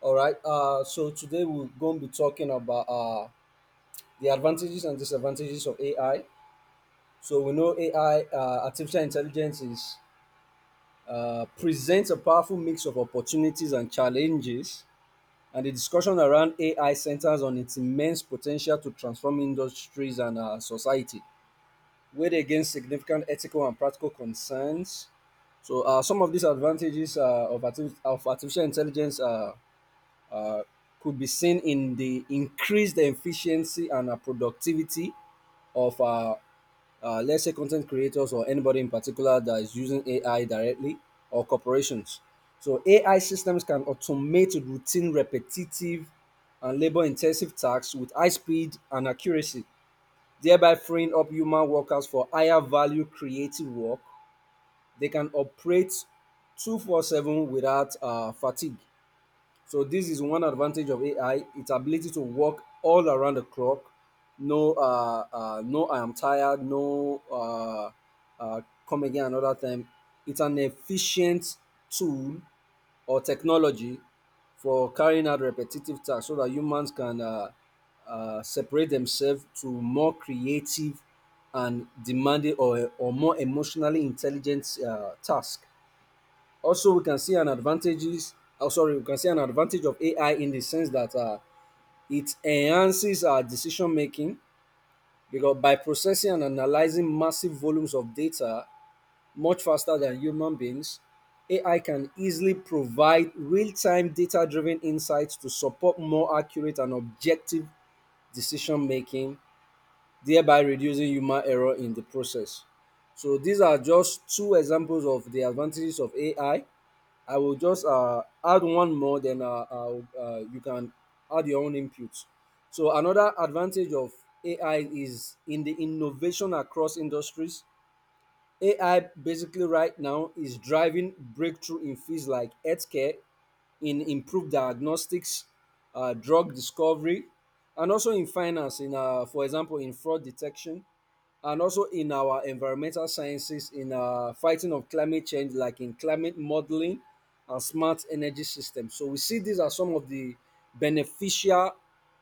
All right. So today we're going to be talking about the advantages and disadvantages of AI. So we know AI, artificial intelligence, is presents a powerful mix of opportunities and challenges. And the discussion around AI centers on its immense potential to transform industries and society, weighed against significant ethical and practical concerns. So some of these advantages of artificial intelligence are could be seen in the increased efficiency and productivity of let's say content creators or anybody in particular that is using AI directly or corporations. So AI systems can automate routine, repetitive, and labor-intensive tasks with high speed and accuracy, thereby freeing up human workers for higher value creative work. They can operate 24/7 without fatigue. So this is one advantage of AI: its ability to work all around the clock. No, no, I am tired. No, uh, come again another time. It's an efficient tool or technology for carrying out repetitive tasks, so that humans can separate themselves to more creative and demanding or more emotionally intelligent tasks. Also, we can see an advantages. Oh, sorry, we can see an advantage of AI in the sense that it enhances our decision making because by processing and analyzing massive volumes of data much faster than human beings, AI can easily provide real time data driven insights to support more accurate and objective decision making, thereby reducing human error in the process. So these are just two examples of the advantages of AI. I will just add one more, then you can add your own input. So another advantage of AI is in the innovation across industries. AI basically right now is driving breakthrough in fields like healthcare, in improved diagnostics, drug discovery, and also in finance. In for example, in fraud detection, and also in our environmental sciences in fighting of climate change, like in climate modeling and smart energy systems. So we see these are some of the beneficial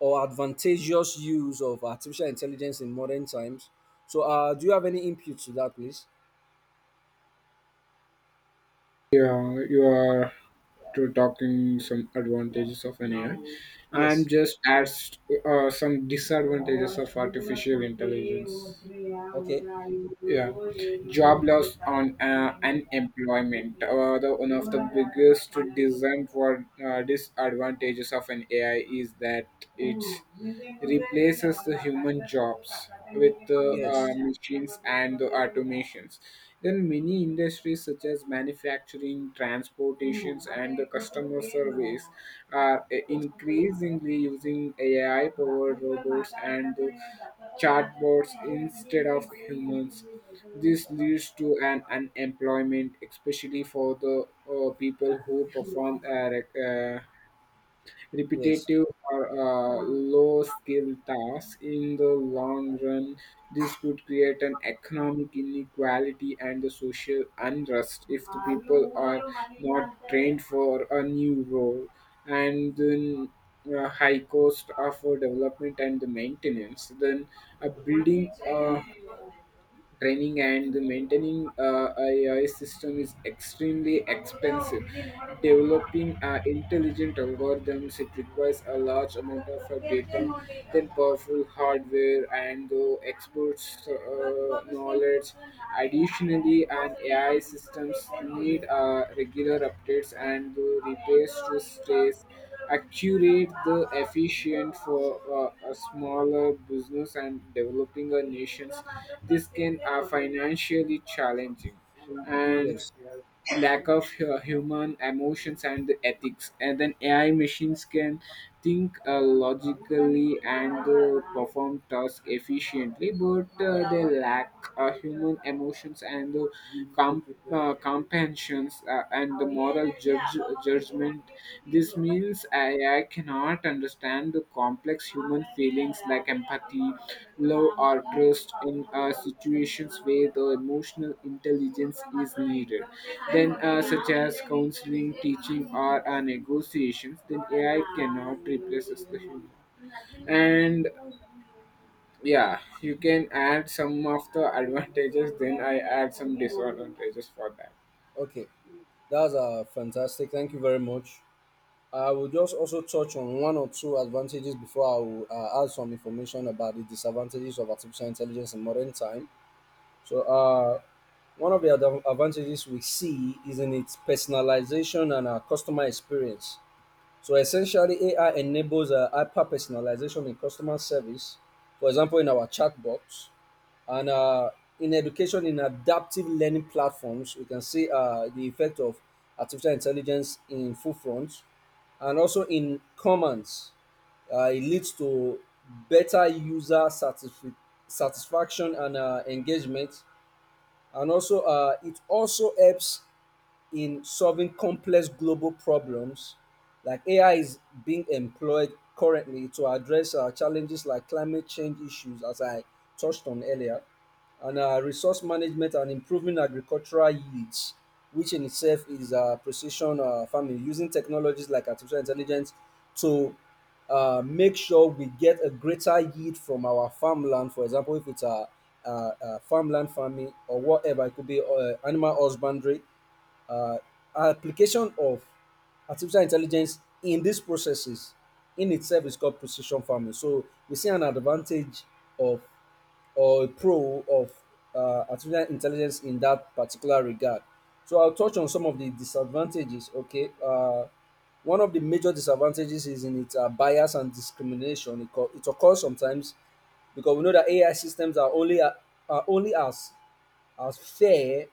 or advantageous use of artificial intelligence in modern times. So do you have any input to that, please? Yeah, you are to talking some advantages of an AI. I'm Yes. just as some disadvantages of artificial intelligence. Okay. Yeah, job loss on unemployment. One of the biggest design for disadvantages of an AI is that it replaces the human jobs with the Yes, machines and the automations. Then many industries such as manufacturing, transportations, and the customer service are yes, increasingly using AI-powered robots and the chatbots instead of humans. This leads to an unemployment, especially for the people who perform yes, repetitive or low skill tasks. In the long run, this could create an economic inequality and the social unrest if the people are not trained for a new role, and then high cost of development and the maintenance. Then a building training and the maintaining AI system is extremely expensive. Developing intelligent algorithms it requires a large amount of data, then powerful hardware and the experts knowledge. Additionally, an AI systems need regular updates and repairs to stays accurate the efficient for a smaller business and developing a nations this can are financially challenging and yes. lack of human emotions and the ethics, and then AI machines can think logically and perform tasks efficiently, but they lack human emotions and com- compassions and the moral judgment. This means I cannot understand the complex human feelings like empathy, love, or trust in situations where the emotional intelligence is needed. Then, such as counseling, teaching, or negotiations, then AI cannot replace us the human. And yeah, you can add some of the advantages, then I add some disadvantages for that. Okay, that's fantastic, thank you very much. I will just also touch on one or two advantages before I will add some information about the disadvantages of artificial intelligence in modern time. So, one of the advantages we see is in its personalization and customer experience. So, essentially, AI enables hyper personalization in customer service, for example, in our chatbots and in education, in adaptive learning platforms, we can see the effect of artificial intelligence in full front, and also in commands it leads to better satisfaction and engagement. And also it also helps in solving complex global problems. Like AI is being employed currently to address challenges like climate change issues, as I touched on earlier, and resource management and improving agricultural yields, which in itself is precision farming, using technologies like artificial intelligence to make sure we get a greater yield from our farmland. For example, if it's a farmland farming or whatever, it could be animal husbandry, uh, application of artificial intelligence in these processes in itself is called precision farming. So we see an advantage of or a pro of artificial intelligence in that particular regard. So I'll touch on some of the disadvantages. Okay, one of the major disadvantages is in its bias and discrimination. It occurs sometimes because we know that AI systems are are only as fair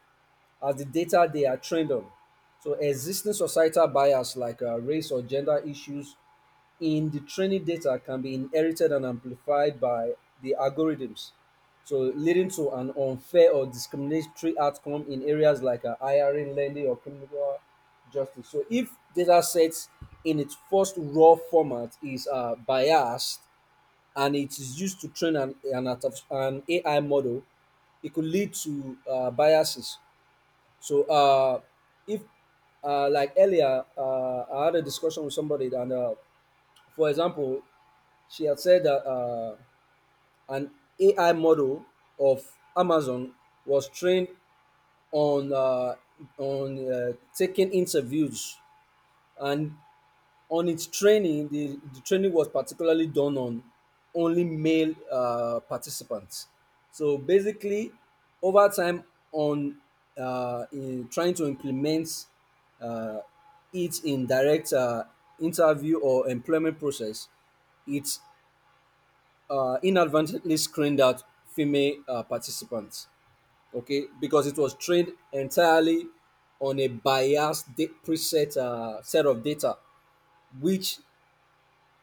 as the data they are trained on. So existing societal bias like race or gender issues in the training data can be inherited and amplified by the algorithms, so leading to an unfair or discriminatory outcome in areas like hiring, lending, or criminal justice. So if data sets in its first raw format is biased, and it is used to train an AI model, it could lead to biases. So, if like earlier, I had a discussion with somebody, and for example, she had said that an AI model of Amazon was trained on uh, on taking interviews, and on its training, the training was particularly done on only male participants. So basically, over time, on in trying to implement uh, it in direct interview or employment process, it inadvertently screened out female participants. Okay, because it was trained entirely on a preset set of data, which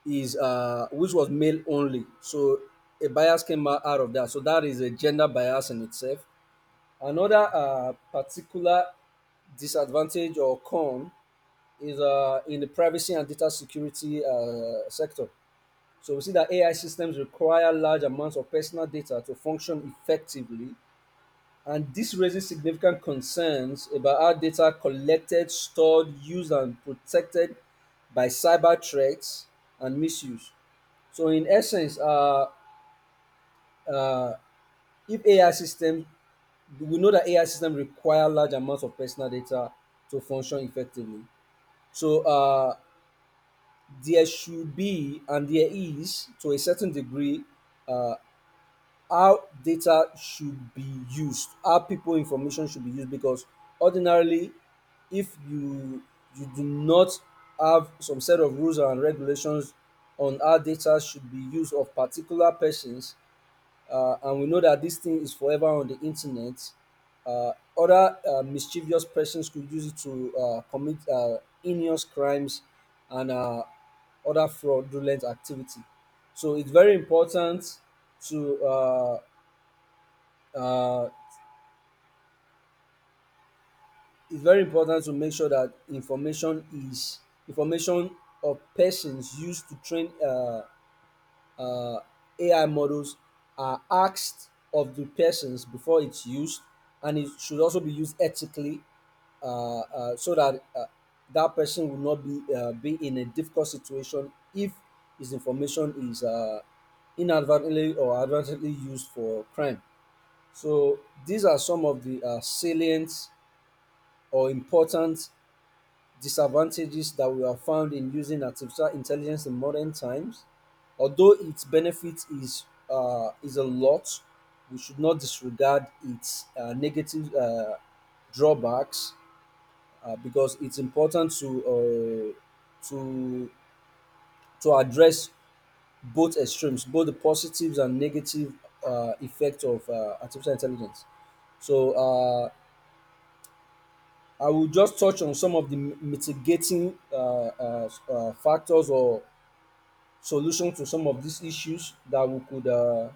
is which was male only. So a bias came out out of that. So that is a gender bias in itself. Another particular disadvantage or con is in the privacy and data security sector. So we see that AI systems require large amounts of personal data to function effectively, and this raises significant concerns about how data collected, stored, used, and protected by cyber threats and misuse. So, in essence, if AI systems, we know that AI systems require large amounts of personal data to function effectively. So, there should be, and there is, to a certain degree, uh, how data should be used, how people information should be used, because ordinarily, if you do not have some set of rules and regulations on how data should be used of particular persons, and we know that this thing is forever on the internet, uh, other mischievous persons could use it to commit heinous crimes and other fraudulent activity. So it's very important to uh, it's very important to make sure that information is information of persons used to train uh, AI models are asked of the persons before it's used, and it should also be used ethically, so that that person will not be be in a difficult situation if his information is inadvertently or advertently used for crime. So these are some of the salient or important disadvantages that we have found in using artificial intelligence in modern times. Although its benefit is a lot, we should not disregard its negative drawbacks, because it's important to to to address both extremes, both the positives and negative effect of artificial intelligence. So I will just touch on some of the mitigating factors or solutions to some of these issues that we could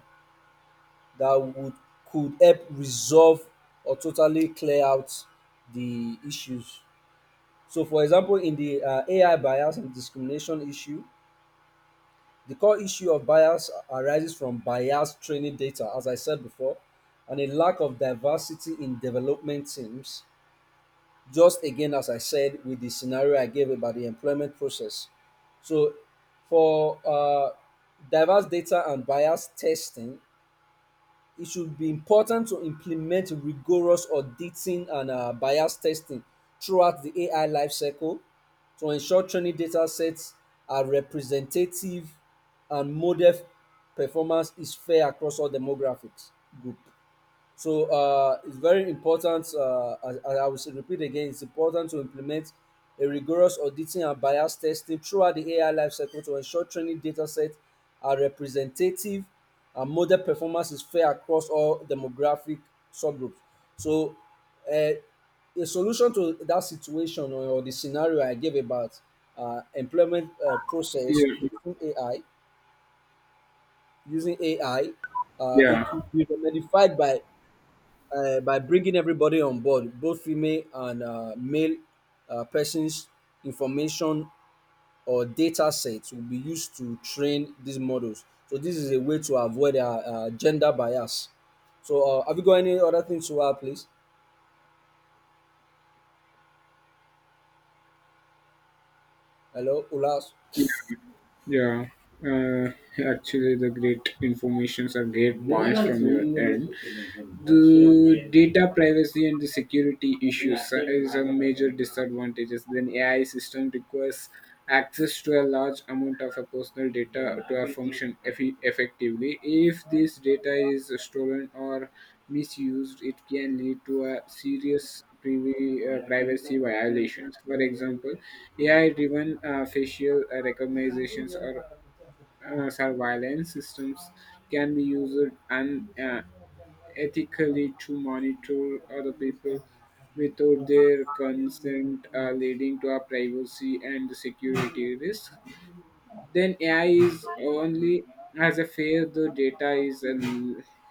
that would could help resolve or totally clear out the issues. So, for example, in the AI bias and discrimination issue, the core issue of bias arises from biased training data, as I said before, and a lack of diversity in development teams, just again as I said with the scenario I gave about the employment process. So for diverse data and bias testing, it should be important to implement rigorous auditing and bias testing throughout the AI lifecycle to ensure training data sets are representative and model performance is fair across all demographics group. So it's very important, as I will repeat again, it's important to implement a rigorous auditing and bias testing throughout the AI lifecycle to ensure training data sets are representative and model performance is fair across all demographic subgroups. So uh, a solution to that situation or the scenario I gave about employment process Yeah, using AI, using AI, it could yeah, be remedified by bringing everybody on board, both female and male persons, information or data sets will be used to train these models. So this is a way to avoid gender bias. So have you got any other things to add, please? Hello, Ulas. yeah, yeah. Uh, Actually, the great informations are great points from your end. The, yes, data privacy and the security issues is a major disadvantages. Then AI system requires access to a large amount of a personal data to a function effectively. If this data is stolen or misused, it can lead to a serious privacy violations. For example, AI-driven facial recognitions or surveillance systems can be used unethically to monitor other people without their consent, leading to a privacy and security risk. Then AI is only as a fair the data is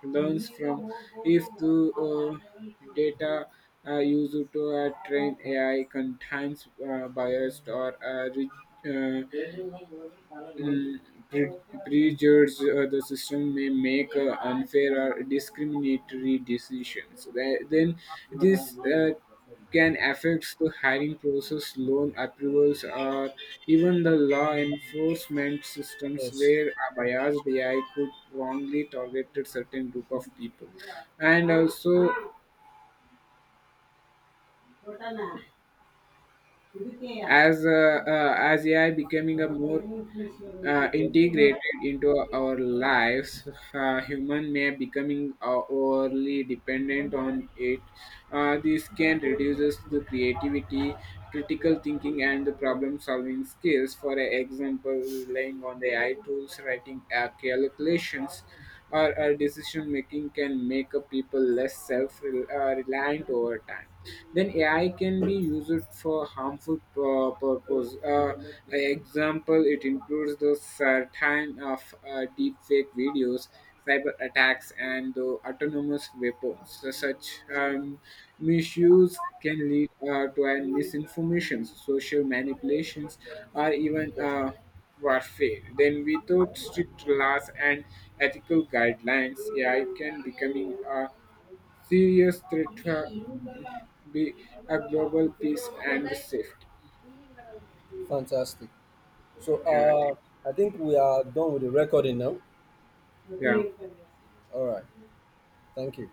learns from if the data used to train AI contains biased or uh, Mm, pre- prejudge the system may make unfair or discriminatory decisions. Then this can affect the hiring process, loan approvals, or even the law enforcement systems Yes, where a biased AI could wrongly target a certain group of people. And also, as AI becoming a more yes, integrated into our lives, human may becoming overly dependent on it. This can reduces the creativity, critical thinking, and the problem solving skills. For example, relying on the AI tools, writing calculations or our decision making can make a people less self reliant over time. Then AI can be used for harmful purpose. Example, it includes the certain of deepfake videos, cyber attacks, and the autonomous weapons. So such misuse can lead to an misinformation, social manipulations, or even yes. Warfare. Then, without strict laws and ethical guidelines, AI can becoming a serious threat to be a global peace and safety. Fantastic. So Yeah, I think- I think we are done with the recording now. yeah. All right. Thank you.